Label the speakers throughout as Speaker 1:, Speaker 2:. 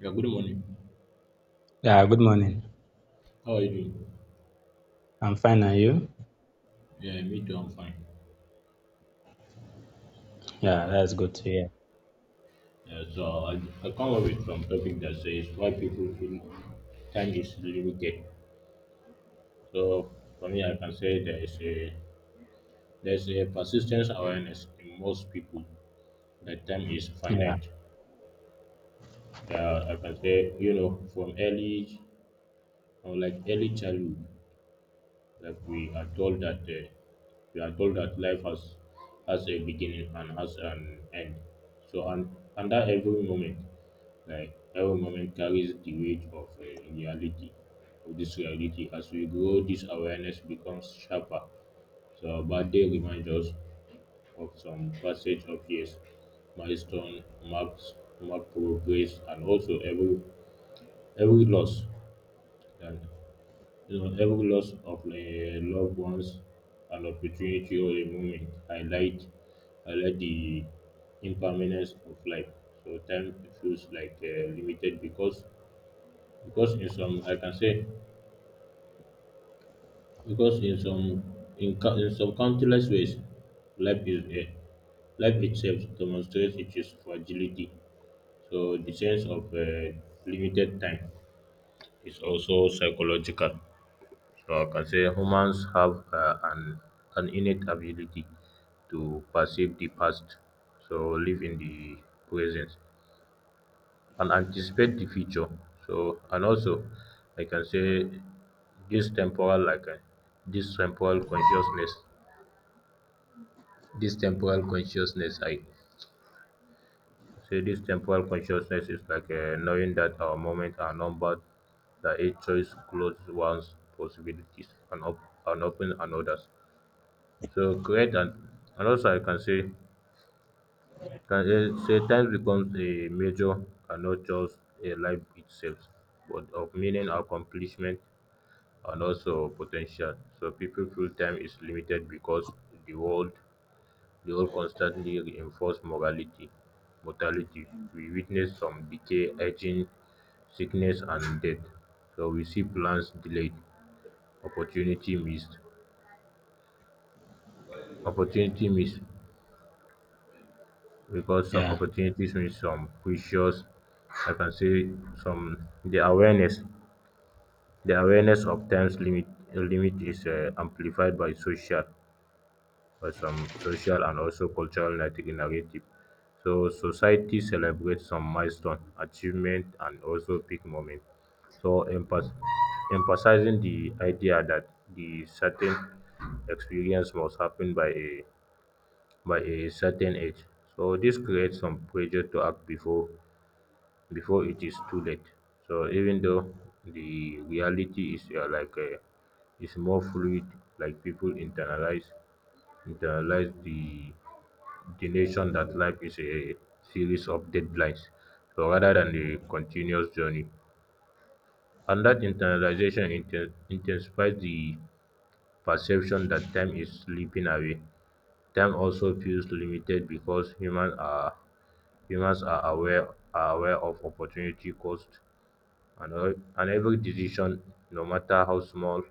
Speaker 1: Yeah, good morning.
Speaker 2: Yeah, good morning.
Speaker 1: How are you doing?
Speaker 2: I'm fine, and you?
Speaker 1: Yeah, me too, I'm fine.
Speaker 2: Yeah,
Speaker 1: So,
Speaker 2: that's good to hear.
Speaker 1: so I come up with some topic that says why people feel time is limited. So, for me, I can say there is a persistence awareness in most people that time is
Speaker 2: Yeah,
Speaker 1: finite. I can say, you know, from early or, like, early childhood, like we are told that life has a beginning and has an end. So, and under every moment. Like every moment carries the weight of this reality. As we grow, this awareness becomes sharper. So our birthday reminds us of some passage of years, milestone marks, mark progress, and also every loss, and you know every loss of loved ones, an opportunity or a moment highlight the impermanence of life. So time feels like limited Because in some, I can say, because in some, in some countless ways, life is a, life itself demonstrates its fragility. So the sense of limited time is also psychological. So I can say humans have an innate ability to perceive the past, so live in the present, and anticipate the future. So and also I can say this temporal like this temporal consciousness this temporal consciousness I say this temporal consciousness is like knowing that our moments are numbered, that each choice closes one's possibilities and and open another's. So create and also I can say Time becomes a major and not just a life itself, but of meaning accomplishment and also potential. So people feel time is limited because the world the world constantly reinforce mortality. We witness some decay, aging, sickness and death. So we see plans delayed, opportunity missed. Opportunity missed because some
Speaker 2: yeah,
Speaker 1: opportunities miss some precious. I can say some the awareness the awareness of time's limit is amplified by social or some social and also cultural narrative. So society celebrates some milestone, achievement, and also big moment. So emphasizing the idea that the certain experience must happen by a certain age. So this creates some pressure to act before it is too late. So even though the reality is is more fluid, like people internalize the notion that life is a series of deadlines, so rather than a continuous journey. And that intensifies the perception that time is slipping away. Time also feels limited because humans are aware of opportunity cost, and every decision, no matter how small,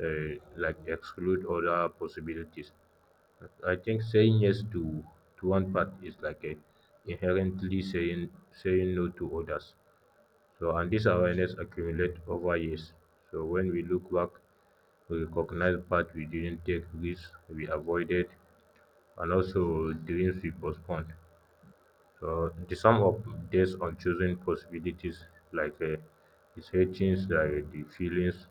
Speaker 1: uh, like exclude other possibilities. I think saying yes to one part is like a inherently saying no to others. So and this awareness accumulates over years. So when we look back, we recognize part we didn't take, risks we avoided, and also dreams we postponed. So the sum of days on choosing possibilities, like is hatching, like the feelings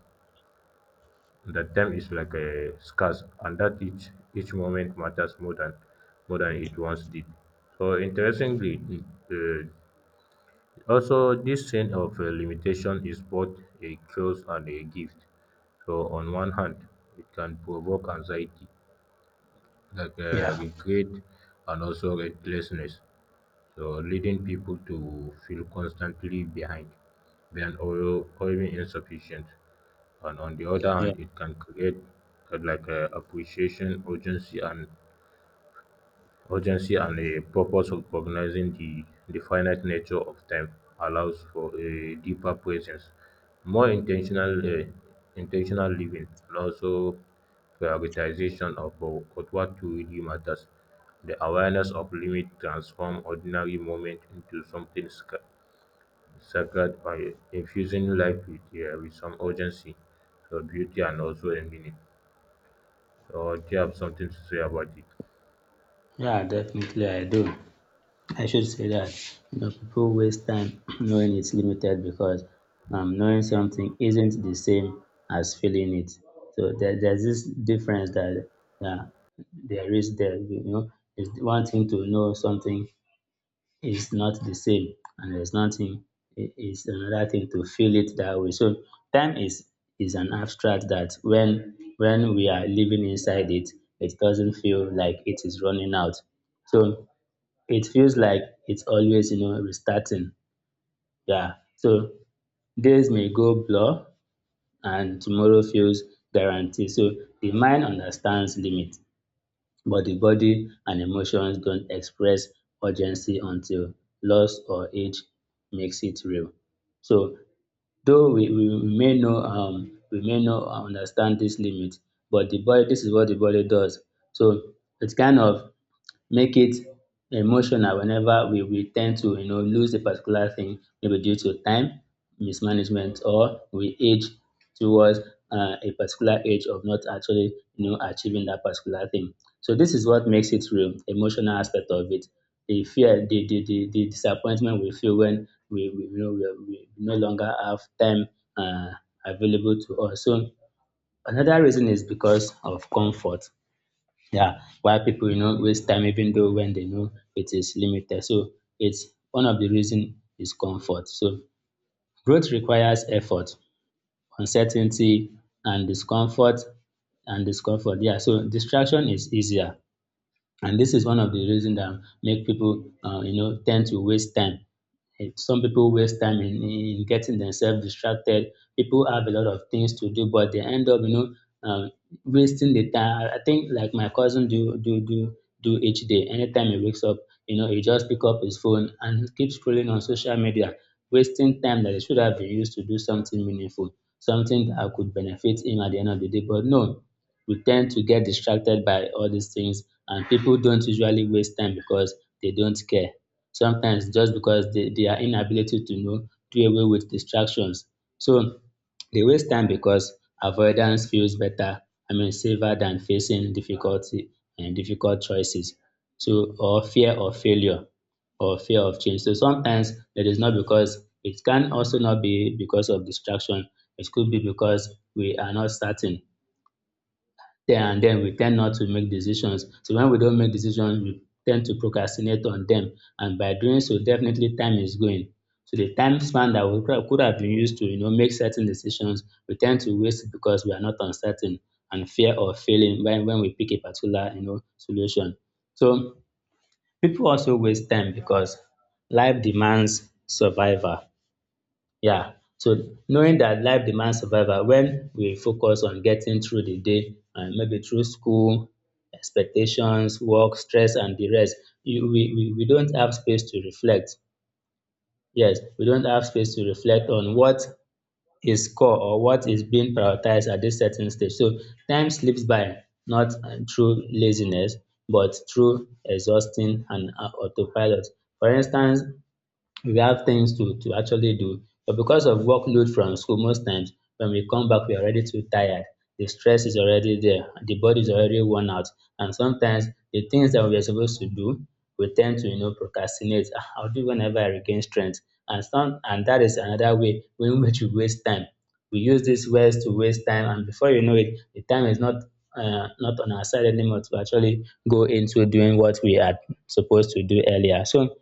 Speaker 1: that time is like a scarce and that each moment matters more than it once did. So interestingly, uh, also this sense of limitation is both a curse and a gift. So on one hand, it can provoke anxiety, like
Speaker 2: yeah,
Speaker 1: regret and also restlessness, so leading people to feel constantly behind or even insufficient. And on the other
Speaker 2: yeah,
Speaker 1: hand, it can create like a appreciation, urgency, and a purpose. Recognizing the finite nature of time allows for a deeper presence, more intentional, intentional living, and also prioritization of what truly matters. The awareness of limit transforms ordinary moment into something sacred by infusing life with some urgency, so beauty, and also a meaning. Or do you have something to say about it?
Speaker 2: yeah, definitely I do. I should say that you know, people waste time knowing it's limited because knowing something isn't the same as feeling it. So there's this difference that yeah, there is there. You know, it's one thing to know something is not the same and there's nothing it is another thing to feel it that way. So time is an abstract that when we are living inside it, it doesn't feel like it is running out. So it feels like it's always, you know, restarting. Yeah. So days may go blur and tomorrow feels guaranteed. So the mind understands limit. But the body and emotions don't express urgency until loss or age makes it real. So though we may know we may not understand this limit, but the body this is what the body does. So it's kind of make it emotional whenever we tend to you know lose a particular thing maybe due to time mismanagement or we age towards a particular age of not actually you know achieving that particular thing so this is what makes it real emotional aspect of it the fear the disappointment we feel when we you know we no longer have time uh, available to us so another reason is because of comfort yeah, why people you know waste time even though when they know it is limited. So it's one of the reason is comfort. So growth requires effort, uncertainty, and discomfort. Yeah, so distraction is easier. And this is one of the reasons that make people, you know, tend to waste time. Some people waste time in getting themselves distracted. People have a lot of things to do, but they end up, you know, wasting the time. I think like my cousin do each day. Anytime he wakes up, you know, he just pick up his phone and keeps scrolling on social media, wasting time that he should have been used to do something meaningful, something that could benefit him at the end of the day. But no, we tend to get distracted by all these things and people don't usually waste time because they don't care. Sometimes just because their inability to know do away with distractions. So they waste time because avoidance feels better, I mean safer than facing difficulty and difficult choices. So or fear of failure or fear of change. So sometimes it is not because it can also not be because of distraction. It could be because we are not certain there and then we tend not to make decisions. So when we don't make decisions, we tend to procrastinate on them. And by doing so, definitely time is going. So the time span that we could have been used to, you know, make certain decisions, we tend to waste it because we are not uncertain and fear of failing when we pick a particular, you know, solution. So people also waste time because life demands survival. Yeah. So knowing that life demands survival, when we focus on getting through the day, and maybe through school, expectations, work, stress, and the rest, we don't have space to reflect. Yes, we don't have space to reflect on what is core or what is being prioritized at this certain stage. So time slips by, not through laziness, but through exhausting and autopilot. For instance, we have things to actually do. But because of workload from school most times when we come back we are already too tired. The stress is already there, the body is already worn out and sometimes the things that we are supposed to do we tend to you know procrastinate. "Ah, I'll do whenever I regain strength" and that is another way in which we waste time. We use these words to waste time and before you know it the time is not not on our side anymore to actually go into doing what we are supposed to do earlier. So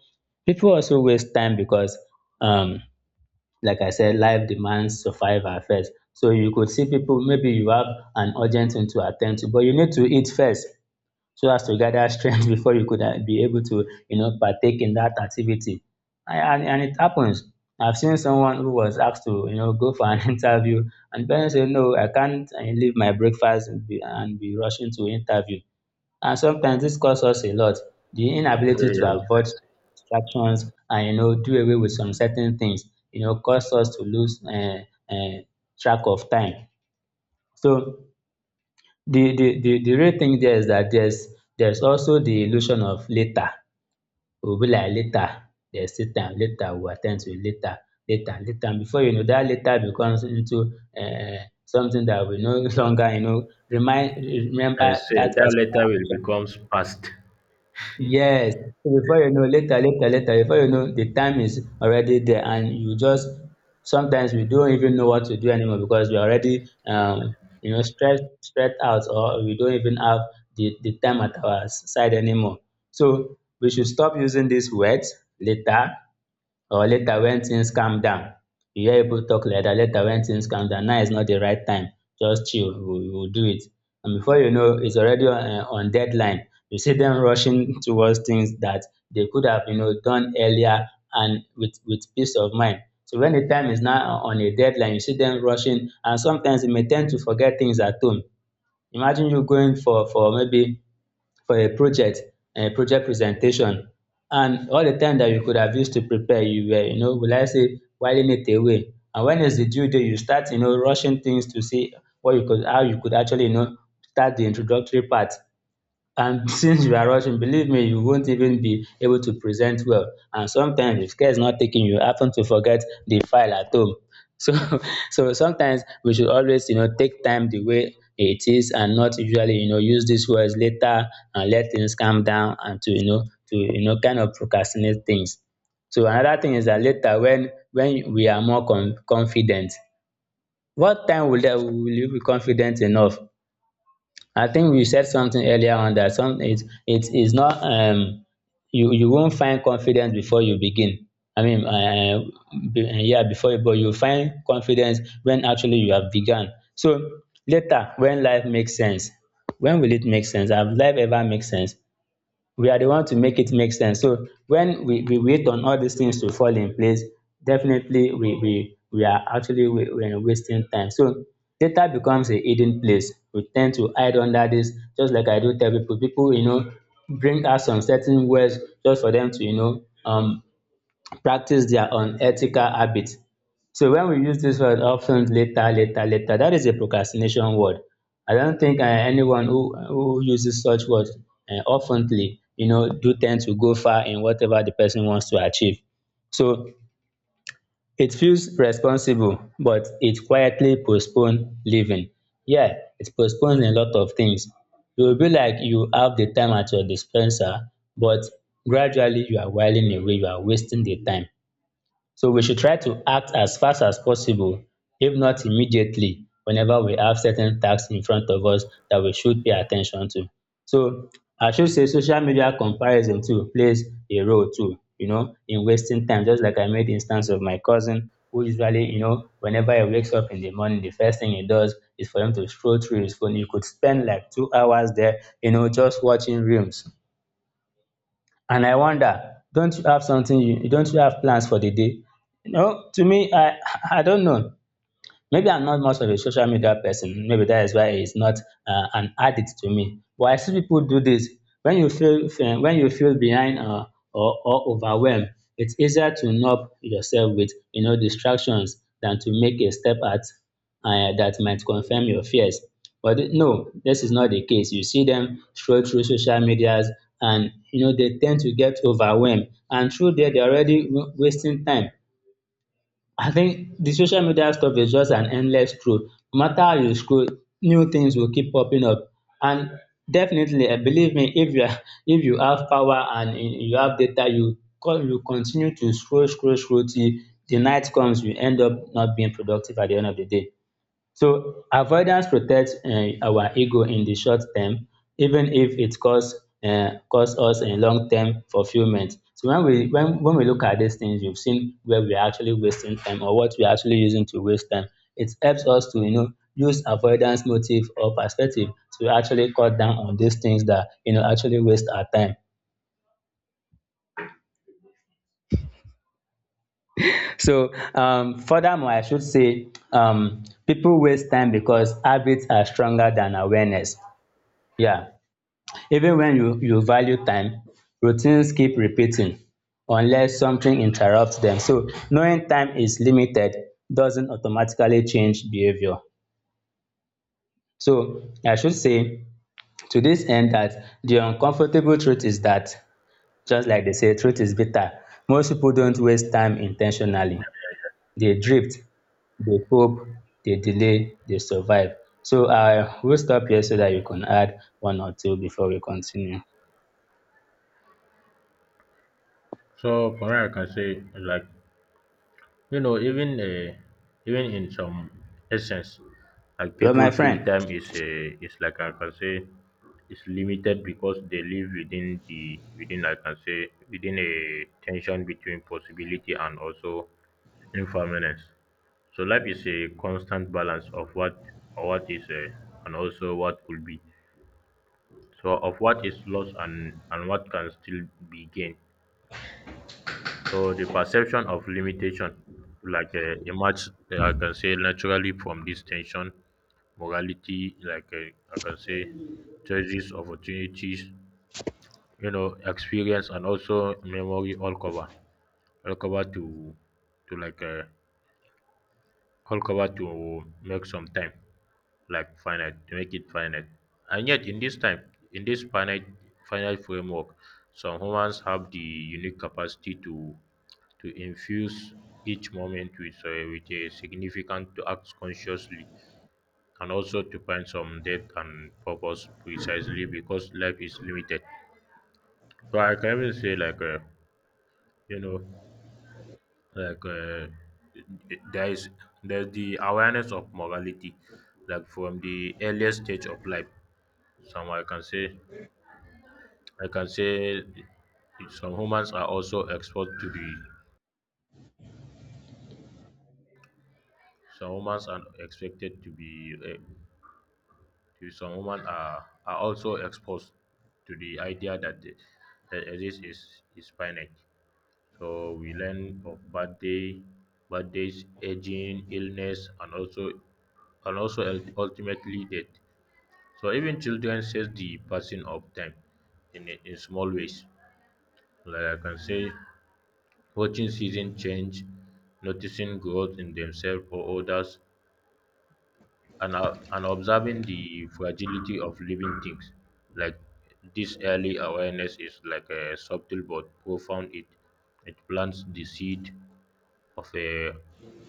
Speaker 2: people also waste time because um like I said life demands survival first so you could see people maybe you have an urgent thing to attend to but you need to eat first so as to gather strength before you could be able to you know partake in that activity and it happens I've seen someone who was asked to you know go for an interview and the person said no I can't leave my breakfast and and be rushing to interview and sometimes this costs us a lot. The inability to avoid distractions and you know do away with some certain things you know cause us to lose um track of time. So the real thing there is that there's also the illusion of later. We be like later there's still time, later we will at to it, later and before you know that later becomes into something that we no longer you know remind remember
Speaker 1: I say
Speaker 2: that
Speaker 1: that
Speaker 2: particular
Speaker 1: letter will
Speaker 2: action.
Speaker 1: become past.
Speaker 2: Yes, so before you know, later, before you know, the time is already there, and you just sometimes we don't even know what to do anymore because we're already, you know, stressed out, or we don't even have the time at our side anymore. So we should stop using these words later, or later wen tins calm down you hear pipu talk like dat later wen tins calm down now is not the right time just chill we will do it and before you know it's already on deadline you see dem rushing towards things that they could have you know done earlier and with peace of mind so when the time is now on a deadline you see dem rushing and sometimes you may tend to forget things at home imagine you going for maybe for a project, project presentation and all the time that you could have used to prepare you were you know will I say whiling it away and when is the due date you start you know rushing things to see what you could how you could actually you know start the introductory part. And since you are rushing, believe me, you won't even be able to present well. And sometimes, if care is not taken, you happen to forget the file at home. So, so sometimes we should always, you know, take time the way it is, and not usually, you know, use these words later and let things calm down and to, you know, kind of procrastinate things. So another thing is that later, when we are more confident, what time will that will you be confident enough? I think we said something earlier on that some it it is not you you won't find confidence before you begin. I mean, yeah, but you find confidence when actually you have begun. So later, when life makes sense, when will it make sense? Have life ever make sense? We are the one to make it make sense. So when we wait on all these things to fall in place, definitely we are wasting time. So data becomes a hidden place. We tend to hide under this, just like I do tell people. People, you know, bring out some certain words just for them to, you know, practice their unethical habit. So when we use this word often later, that is a procrastination word. I don't think anyone who uses such words oftenly, you know, do tend to go far in whatever the person wants to achieve. So it feels responsible, but it quietly postpones living. Yeah, it postpones a lot of things. It will be like you have the time at your dispenser, but gradually you are whiling away, you are wasting the time. So we should try to act as fast as possible, if not immediately, whenever we have certain tasks in front of us that we should pay attention to. So I should say social media comparison too plays a role too, you know, in wasting time. Just like I made instance of my cousin, who usually, you know, whenever he wakes up in the morning, the first thing he does is for him to scroll through his phone. He could spend like 2 hours there, you know, just watching reels. And I wonder, don't you have something you don't you have plans for the day? No, to me, I don't know. Maybe I'm not much of a social media person. Maybe that is why it's not an addict to me. But I see people do this. When you feel when you feel behind, or overwhelmed, it's easier to numb yourself with distractions than to make a step at that might confirm your fears. But no, this is not the case. You see them scroll through social medias, and you know they tend to get overwhelmed, and through there they're already wasting time. I think the social media stuff is just an endless scroll. No matter how you scroll, new things will keep popping up. And definitely, believe me, if you are, if you have power and you have data, you continue to scroll, scroll, scroll till the night comes. You end up not being productive at the end of the day. So avoidance protects our ego in the short term, even if it costs us in long term fulfillment. So when we look at these things, you've seen where we are actually wasting time or what we are actually using to waste time. It helps us to use avoidance motive or perspective to actually cut down on these things that you know actually waste our time. So furthermore, I should say people waste time because habits are stronger than awareness. Yeah. Even when you value time, routines keep repeating unless something interrupts them. So knowing time is limited doesn't automatically change behavior. So I should say, to this end, that the uncomfortable truth is that, just like they say, truth is bitter. Most people don't waste time intentionally. They drift, they cope, they delay, they survive. So I will stop here so that you can add one or two before we continue.
Speaker 1: So for me, I can say like, you know, even even in some essence, like
Speaker 2: Hello, my
Speaker 1: people feel
Speaker 2: friend.
Speaker 1: time is a is like I can say is limited because they live within the within I can say within a tension between possibility and also impermanence. So life is a constant balance of what or what is and also what could be, so of what is lost and what can still be gained. So the perception of limitation, like emerge, I can say naturally from this tension, morality, like, I can say choices, opportunities, you know, experience, and also memory all cover to, to like uh, all cover to make some time, like finite to make it finite. And yet in this time, in this finite framework, some humans have the unique capacity to infuse each moment with a significant, to act consciously and also to find some depth and purpose precisely because life is limited. So I can even say like, you know, like, there is, there's the awareness of morality like from the earliest stage of life. Some I can say I can say some humans are also exposed to be some humans are expected to be eh, to Some humans are also exposed to the idea that exist is finite. So we learn of birthdays, aging, illness, and also ultimately death. So even children sense the passing of time in small ways. Like I can say, watching seasons change, noticing growth in themselves or others, and observing the fragility of living things. Like this early awareness is like a subtle but profound. It plants the seed of a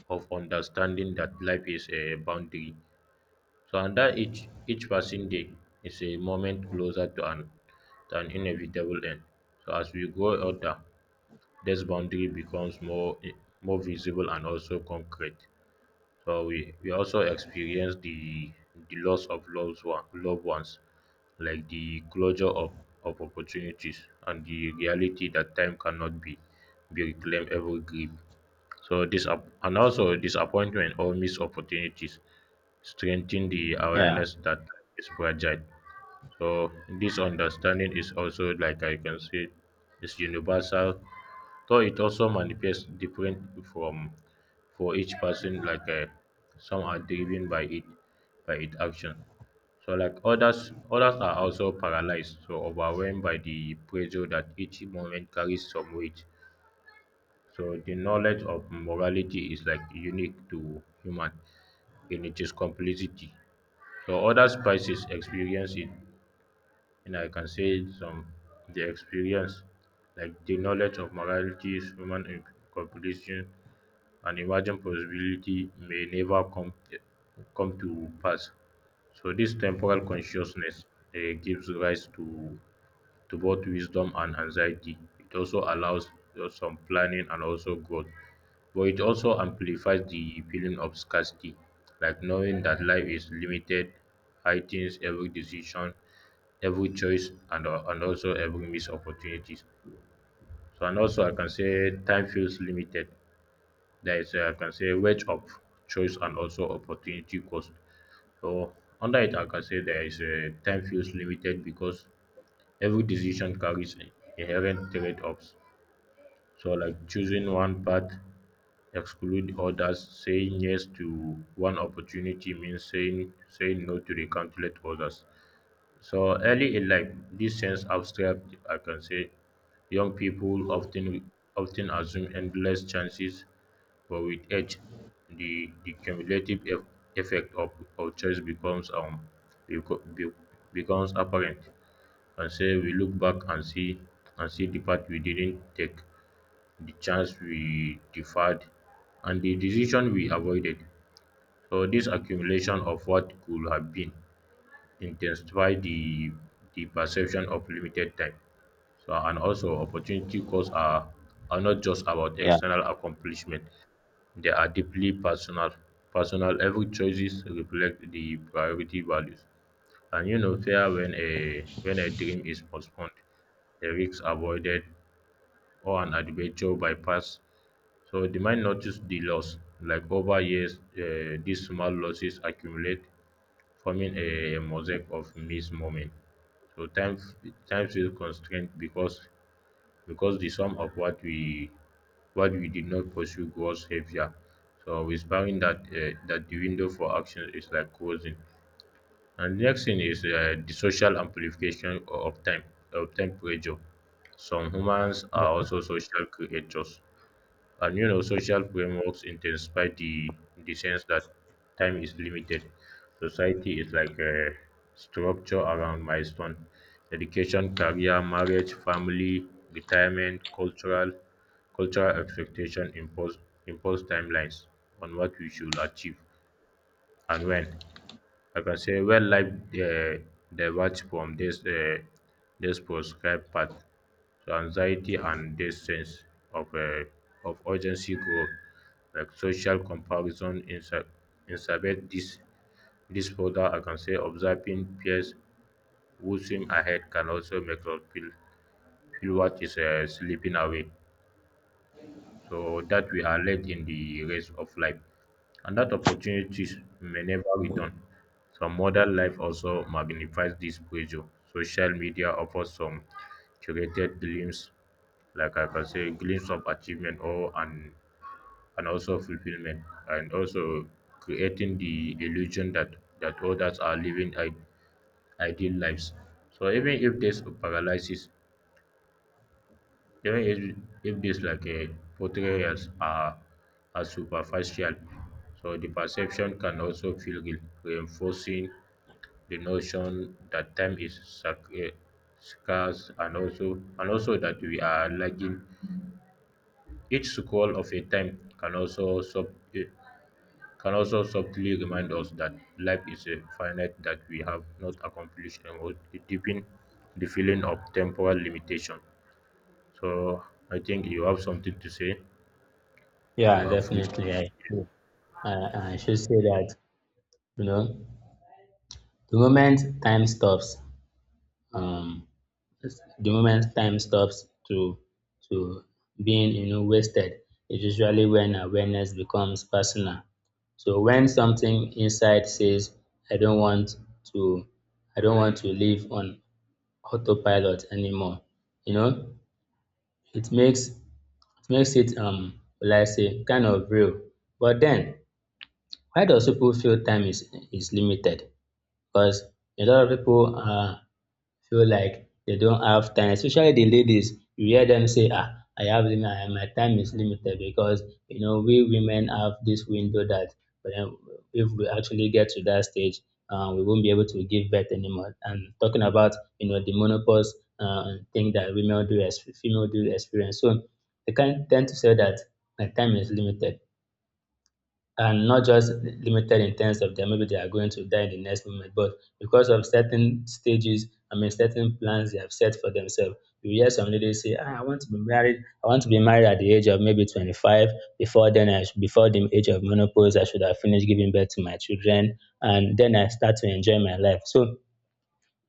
Speaker 1: of understanding that life is a boundary. So and that each passing day is a moment closer to an inevitable end. So as we grow older, this boundary becomes more more visible and also concrete. So we also experience the loss of loved one, loved ones, like the closure of opportunities and the reality that time cannot be reclaimed every grief. So this and also disappointment or missed opportunities strengthen the
Speaker 2: Yeah,
Speaker 1: awareness that is fragile. So this understanding is also, like I can say, is universal. So it also manifests different from for each person, like, some are driven by it by its action. So like others are also paralyzed, so overwhelmed by the pressure that each moment carries some weight. So the knowledge of morality is like unique to human in its complexity. So other spices experience it, and I can say some the experience, like the knowledge of morality is human in completion, an imagined possibility may never come to pass. So this temporal consciousness, gives rise to both wisdom and anxiety. It also allows some planning and also growth, but it also amplifies the feeling of scarcity, like knowing that life is limited heightens every decision, every choice, and also every missed opportunities. So, and also I can say time feels limited, there is I can say, wedge of choice and also opportunity cost. So under it, I can say there is a time feels limited because every decision carries inherent trade-offs. So like choosing one path, exclude others, saying yes to one opportunity means saying no to the countless others. So early in life, this sense abstract, I can say, young people often assume endless chances, but with age, the cumulative effect of choice beco- be- becomes apparent. And say we look back and see the path we didn't take, the chance we deferred, and the decision we avoided. So this accumulation of what could have been intensify the perception of limited time. So and also opportunity costs are not just about
Speaker 2: yeah.
Speaker 1: external accomplishment. They are deeply personal. Personal every choices reflect the priority values. And you know fear when a dream is postponed, the risks avoided or an adventure bypassed. So the mind notice the loss. Like over years, these small losses accumulate, forming a mosaic of missed moments. So time feels constrained because the sum of what we did not pursue grows heavier. So whispering that, that the window for action is like closing. And the next thing is, the social amplification of time pressure. Some humans
Speaker 2: Yeah,
Speaker 1: are also social creatures. And you know, social frameworks intensify the sense that time is limited. Society is like a structure around milestone, education, career, marriage, family, retirement, cultural expectation impose timelines on what we should achieve and when. I can say wildlife, uh, diverge from this prescribed path. So anxiety and this sense of, of urgency grow, like social comparison exacerbate this further. I can say observing peers who swim ahead can also make us feel what is slipping away, so that we are led in the race of life and that opportunities may never return. Some modern life also magnifies this pressure. Social media offers some curated glimpse, like I can say, glimpse of achievement or and also fulfillment, and also creating the illusion that others are living ideal lives. So even if this paralyzes. Even if this like a portrayals are superficial, so the perception can also feel guilt, reinforcing the notion that time is scarce and also that we are lagging. Each scroll of a time can also eh, can also subtly remind us that life is a finite that we have not accomplished and would deepen the feeling of temporal limitation. So I think you have something to say.
Speaker 2: yeah,
Speaker 1: You avoid.
Speaker 2: definitely. I should say that, you know, the moment time stops, um, the moment time stops to to being, you know, wasted is usually when awareness becomes personal. So when something inside says, I don't want to, I don't want to live on autopilot anymore, you know, it makes it will I say, kind of real. But then, why does people feel time is limited? Because a lot of people feel like they don't have time, especially the ladies. You hear them say, "Ah, I have my time is limited," because you know we women have this window that, um, if we actually get to that stage, we won't be able to give birth anymore. And talking about you know the menopause thing that women do as female do experience. So they can tend to say that my time is limited, and not just limited in terms of them. Maybe they are going to die in the next moment, but because of certain stages, I mean, certain plans they have set for themselves. You hear some ladies say, ah, I want to be married. I want to be married at the age of maybe 25. Before then, I should, before the age of menopause, I should have finished giving birth to my children. And then I start to enjoy my life. So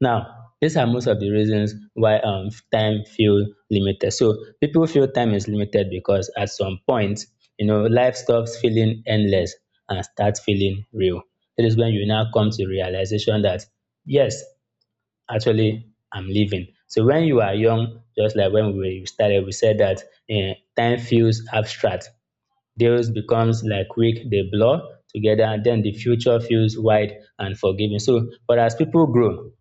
Speaker 2: now, these are most of the reasons why, time feel limited. So people feel time is limited because at some point, you know, life stops feeling endless and starts feeling real. That is when you now come to realization that yes, actually, I'm living. So when you are young, just like when we started, we said that, time feels abstract. Days becomes like week, they blur together, and then the future feels wide and forgiving. So, but as people grow,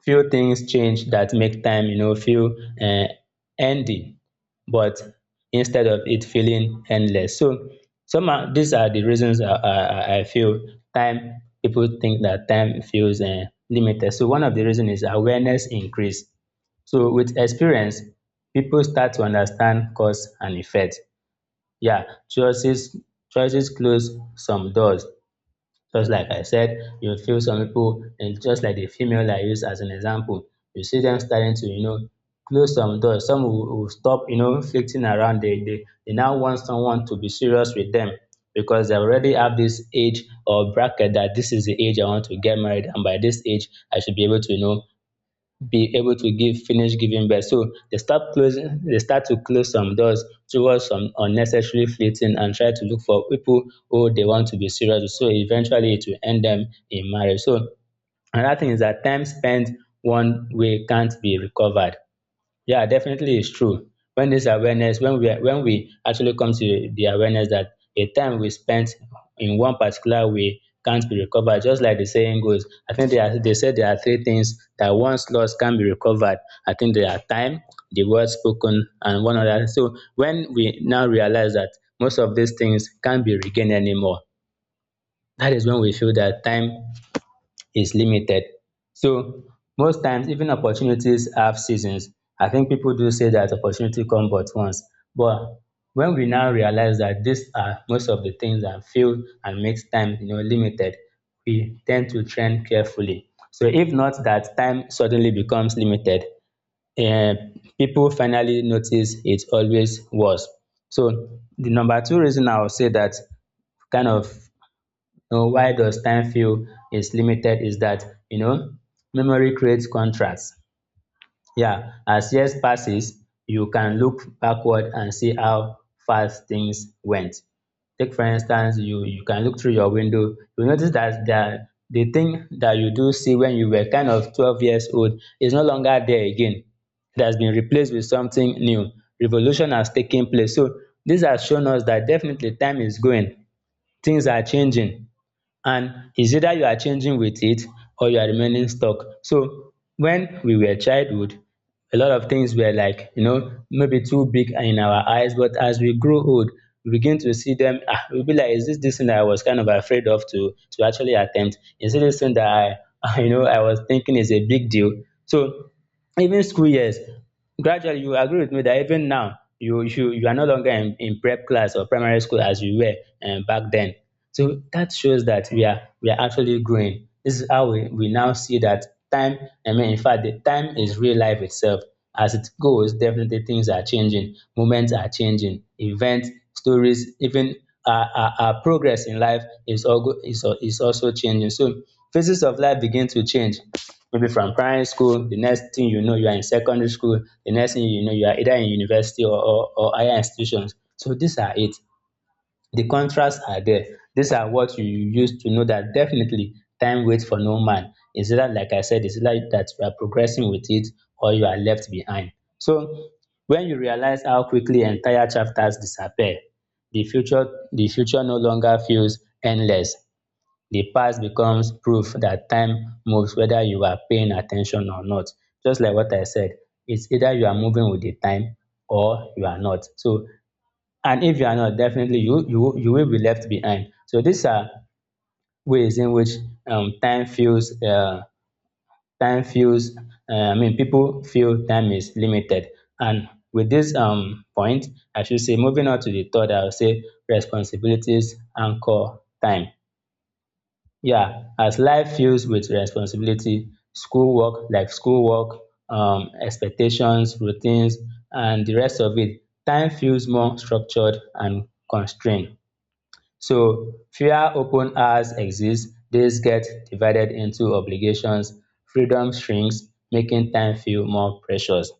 Speaker 2: few things change that make time you know feel, uh, ending, but instead of it feeling endless. So these are the reasons I feel time people think that time feels, limited. So one of the reasons is awareness increase. So with experience, people start to understand cause and effect. Yeah. choices Choices close some doors. Just like I said, you would feel some people, and just like the female I use as an example, you see them starting to, you know, close some doors. Some will, stop, you know, flitting around. They now want someone to be serious with them because they already have this age or bracket that this is the age I want to get married, and by this age, I should be able to, you know, be able to give finish giving birth. So they start to close some doors towards some unnecessary flirting and try to look for people who they want to be serious with. So eventually it will end them in marriage. So another thing is that time spent one way can't be recovered. Yeah, definitely it's true. When this awareness, when we actually come to the awareness that a time we spent in one particular way can't be recovered, just like the saying goes. I think they are, they said there are three things that once lost can be recovered. I think they are time, the word spoken, and one other. So when we now realize that most of these things can't be regained anymore, that is when we feel that time is limited. So most times, even opportunities have seasons. I think people do say that opportunity come but once. But when we now realize that these are most of the things that feel and makes time you know limited, we tend to trend carefully. So if not that time suddenly becomes limited, eh, people finally notice it always was. So the number two reason I would say that kind of now, why does time feel is limited is that, you know, memory creates contrasts. Yeah, as years passes, you can look backward and see how fast things went. Take for instance, you can look through your window, you notice that the thing that you do see when you were kind of 12 years old is no longer there again. It has been replaced with something new. Revolution has taken place. So this has shown us that definitely time is going, things are changing, and it's either you are changing with it or you are remaining stuck. So when we were childhood, a lot of things were like you know maybe too big in our eyes, but as we grow old, we begin to see them. Ah, we'll be like, is this this thing that I was kind of afraid of to actually attempt, is it this thing that I you know I was thinking is a big deal. So even school years, gradually, you agree with me that even now you you are no longer in prep class or primary school as you were, back then. So that shows that we are actually growing. This is how we now see that time, I mean in fact the time is real life itself. As it goes, definitely, things are changing, moments are changing, events, stories, even our progress in life is, all go, is, al- is also changing. So phases of life begin to change. Maybe from primary school, the next thing you know you are in secondary school, the next thing you know you are either in university or, or higher institutions. So these are it. The contrasts are there. These are what you use to know that definitely time waits for no man. Is that like I said, it's like that you are progressing with it or you are left behind. So when you realize how quickly entire chapters disappear, the future the future no longer feels endless. The past becomes proof that time moves whether you are paying attention or not. Just like what I said, it's either you are moving with the time or you are not. So, and if you are not, definitely you you will be left behind. So these are ways in which, um, time feels uh, time feels. I mean, people feel time is limited. And with this point, I should say, moving on to the third, I will say responsibilities anchor time. Yeah, as life fills with responsibility, schoolwork, expectations, routines, and the rest of it, time feels more structured and constrained. So fewer open hours exist, days get divided into obligations, freedom shrinks, making time feel more precious.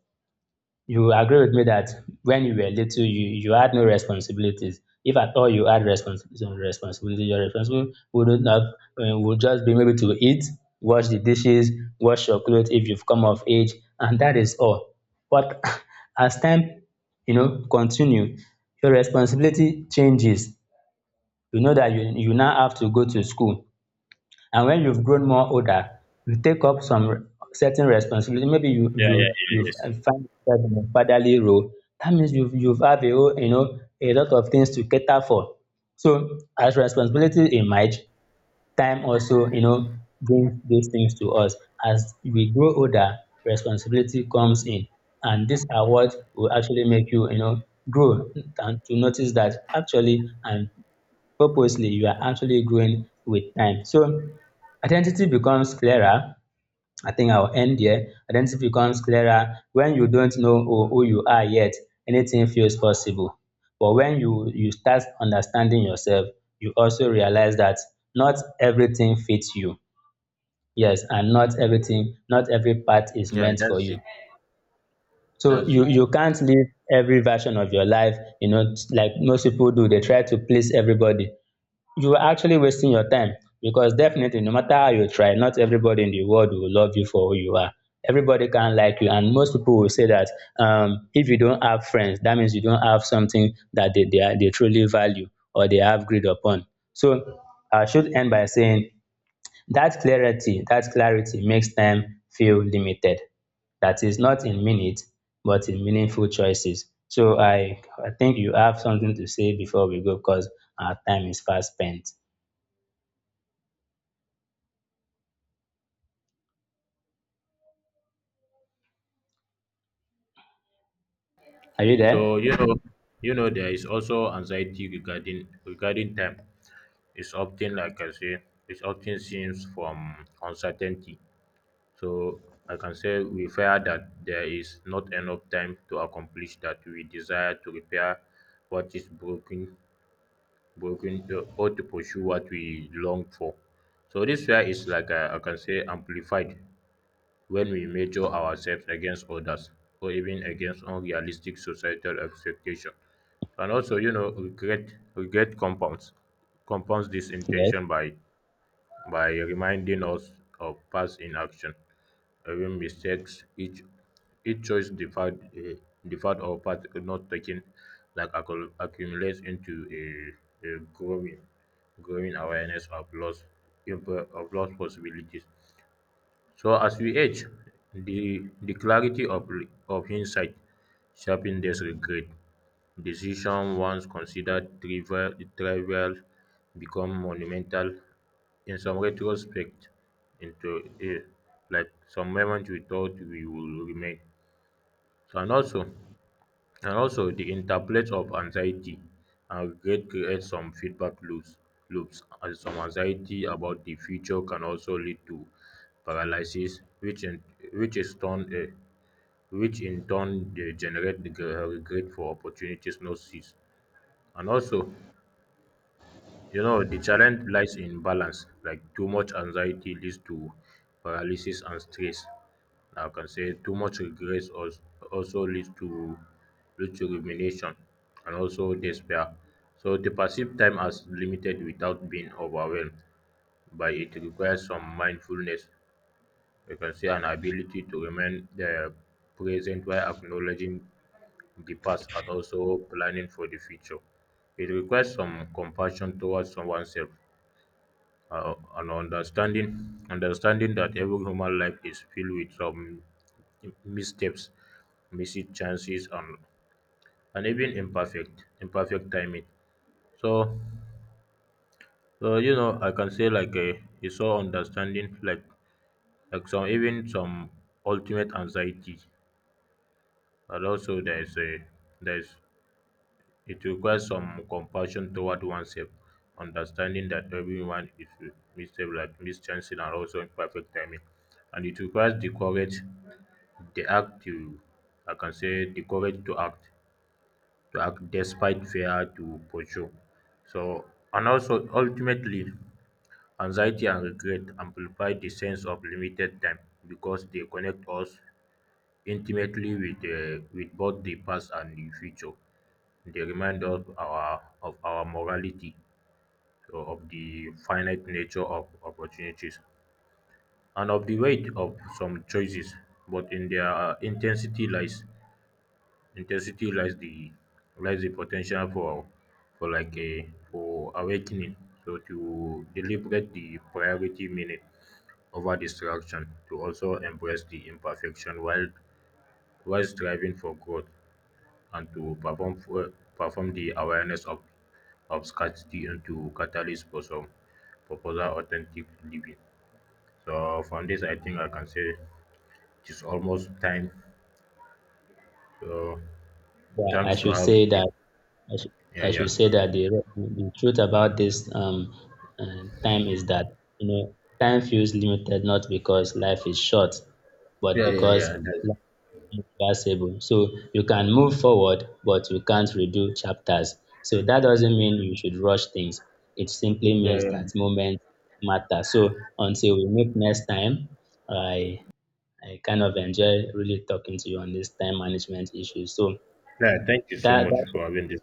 Speaker 2: You agree with me that when you were little, you had no responsibilities. If at all you had some responsibility, your responsibility wouldn't, would just be maybe to eat, wash the dishes, wash your clothes if you've come of age, and that is all. But as time, you know, continue, your responsibility changes. You know that you now have to go to school. And when you've grown more older, you take up some certain responsibility. Maybe you
Speaker 1: Yeah, yeah,
Speaker 2: you
Speaker 1: yeah,
Speaker 2: you've
Speaker 1: yes.
Speaker 2: uh, find yourself in a fatherly role. That means you've have a whole you know a lot of things to cater for. So as responsibility emerge, time also you know brings these things to us. As we grow older, responsibility comes in, and these are what will actually make you you know grow, and to notice that actually I'm purposely, you are actually growing with time. So identity becomes clearer. I think I'll end here. Identity becomes clearer when you don't know who you are yet, anything feels possible. But when you start understanding yourself, you also realize that not everything fits you. Yes, and not every part is
Speaker 1: Yeah,
Speaker 2: meant for
Speaker 1: that's
Speaker 2: you.
Speaker 1: it.
Speaker 2: So
Speaker 1: That's
Speaker 2: you
Speaker 1: it.
Speaker 2: can't live every version of your life, you know. Like most people do, they try to please everybody. You are actually wasting your time, because definitely no matter how you try, not everybody in the world will love you for who you are. Everybody can't like you. And most people will say that, if you don't have friends, that means you don't have something that they truly value or they have greed upon. So I should end by saying that clarity makes time feel limited, that is not in minutes but in meaningful choices. So I think you have something to say before we go, because our time is fast spent. Are you
Speaker 1: So
Speaker 2: there?
Speaker 1: you know, you know, there is also anxiety regarding time. It's often like I say, it's often seems from uncertainty. So I can say we fear that there is not enough time to accomplish that we desire to repair what is broken, or to pursue what we long for. So this fear is like I can say amplified when we measure ourselves against others or even against unrealistic societal expectations. And also, you know, regret compounds this
Speaker 2: Yes.
Speaker 1: intention by reminding us of past inaction, even mistakes. Each choice deferred or path not taken like accumulates into a growing awareness of loss of lost possibilities. So as we age, the clarity of, of insight sharpens this regret. Decision once considered trivial become monumental. In some retrospect, into a, like some moment we thought we will remain. So and also, the interplay of anxiety and regret creates some feedback loops. Loops and some anxiety about the future can also lead to paralysis, which is turn uh, which in turn they generate the regret for opportunities not seized. And also, you know, the challenge lies in balance. Like too much anxiety leads to paralysis and stress. I can say too much regret also leads to leads to rumination and also despair. So to perceive time as limited without being overwhelmed by it requires some mindfulness. You can say an ability to remain present while acknowledging the past and also planning for the future. It requires some compassion towards oneself and understanding that every human life is filled with some missteps, missed chances, and even imperfect timing. So, so, I can say like it's so understanding, like some even some ultimate anxiety, and also there is a there is. It requires some compassion toward oneself, understanding that everyone is mistakes like mischances and also imperfect timing. And it requires the courage, the act to, I can say, the courage to act despite fear to pursue. So, and also ultimately, anxiety and regret amplify the sense of limited time because they connect us intimately with both the past and the future. They remind us our of our morality, so of the finite nature of opportunities, and of the weight of some choices. But in their intensity lies the potential for like a for awakening. So to deliberate the priority meaning over distraction, to also embrace the imperfection while striving for growth, and to perform the awareness of scarcity into catalyst for some for further authentic living. So from this, I think I can say it is almost time. So
Speaker 2: Yeah, I
Speaker 1: thanks to
Speaker 2: should
Speaker 1: have
Speaker 2: say
Speaker 1: this.
Speaker 2: that I should,
Speaker 1: Yeah,
Speaker 2: I
Speaker 1: yeah,
Speaker 2: should say that the truth about this, time is that you know time feels limited not because life is short, but
Speaker 1: yeah, yeah, yeah,
Speaker 2: because
Speaker 1: that's...
Speaker 2: life is irreversible. So you can move forward, but you can't redo chapters. So that doesn't mean you should rush things. It simply
Speaker 1: Yeah,
Speaker 2: means
Speaker 1: yeah.
Speaker 2: that moments matter. So until we meet next time, I I kind of enjoy really talking to you on this time management issue. So
Speaker 1: Yeah, thank you so much for
Speaker 2: that
Speaker 1: having this.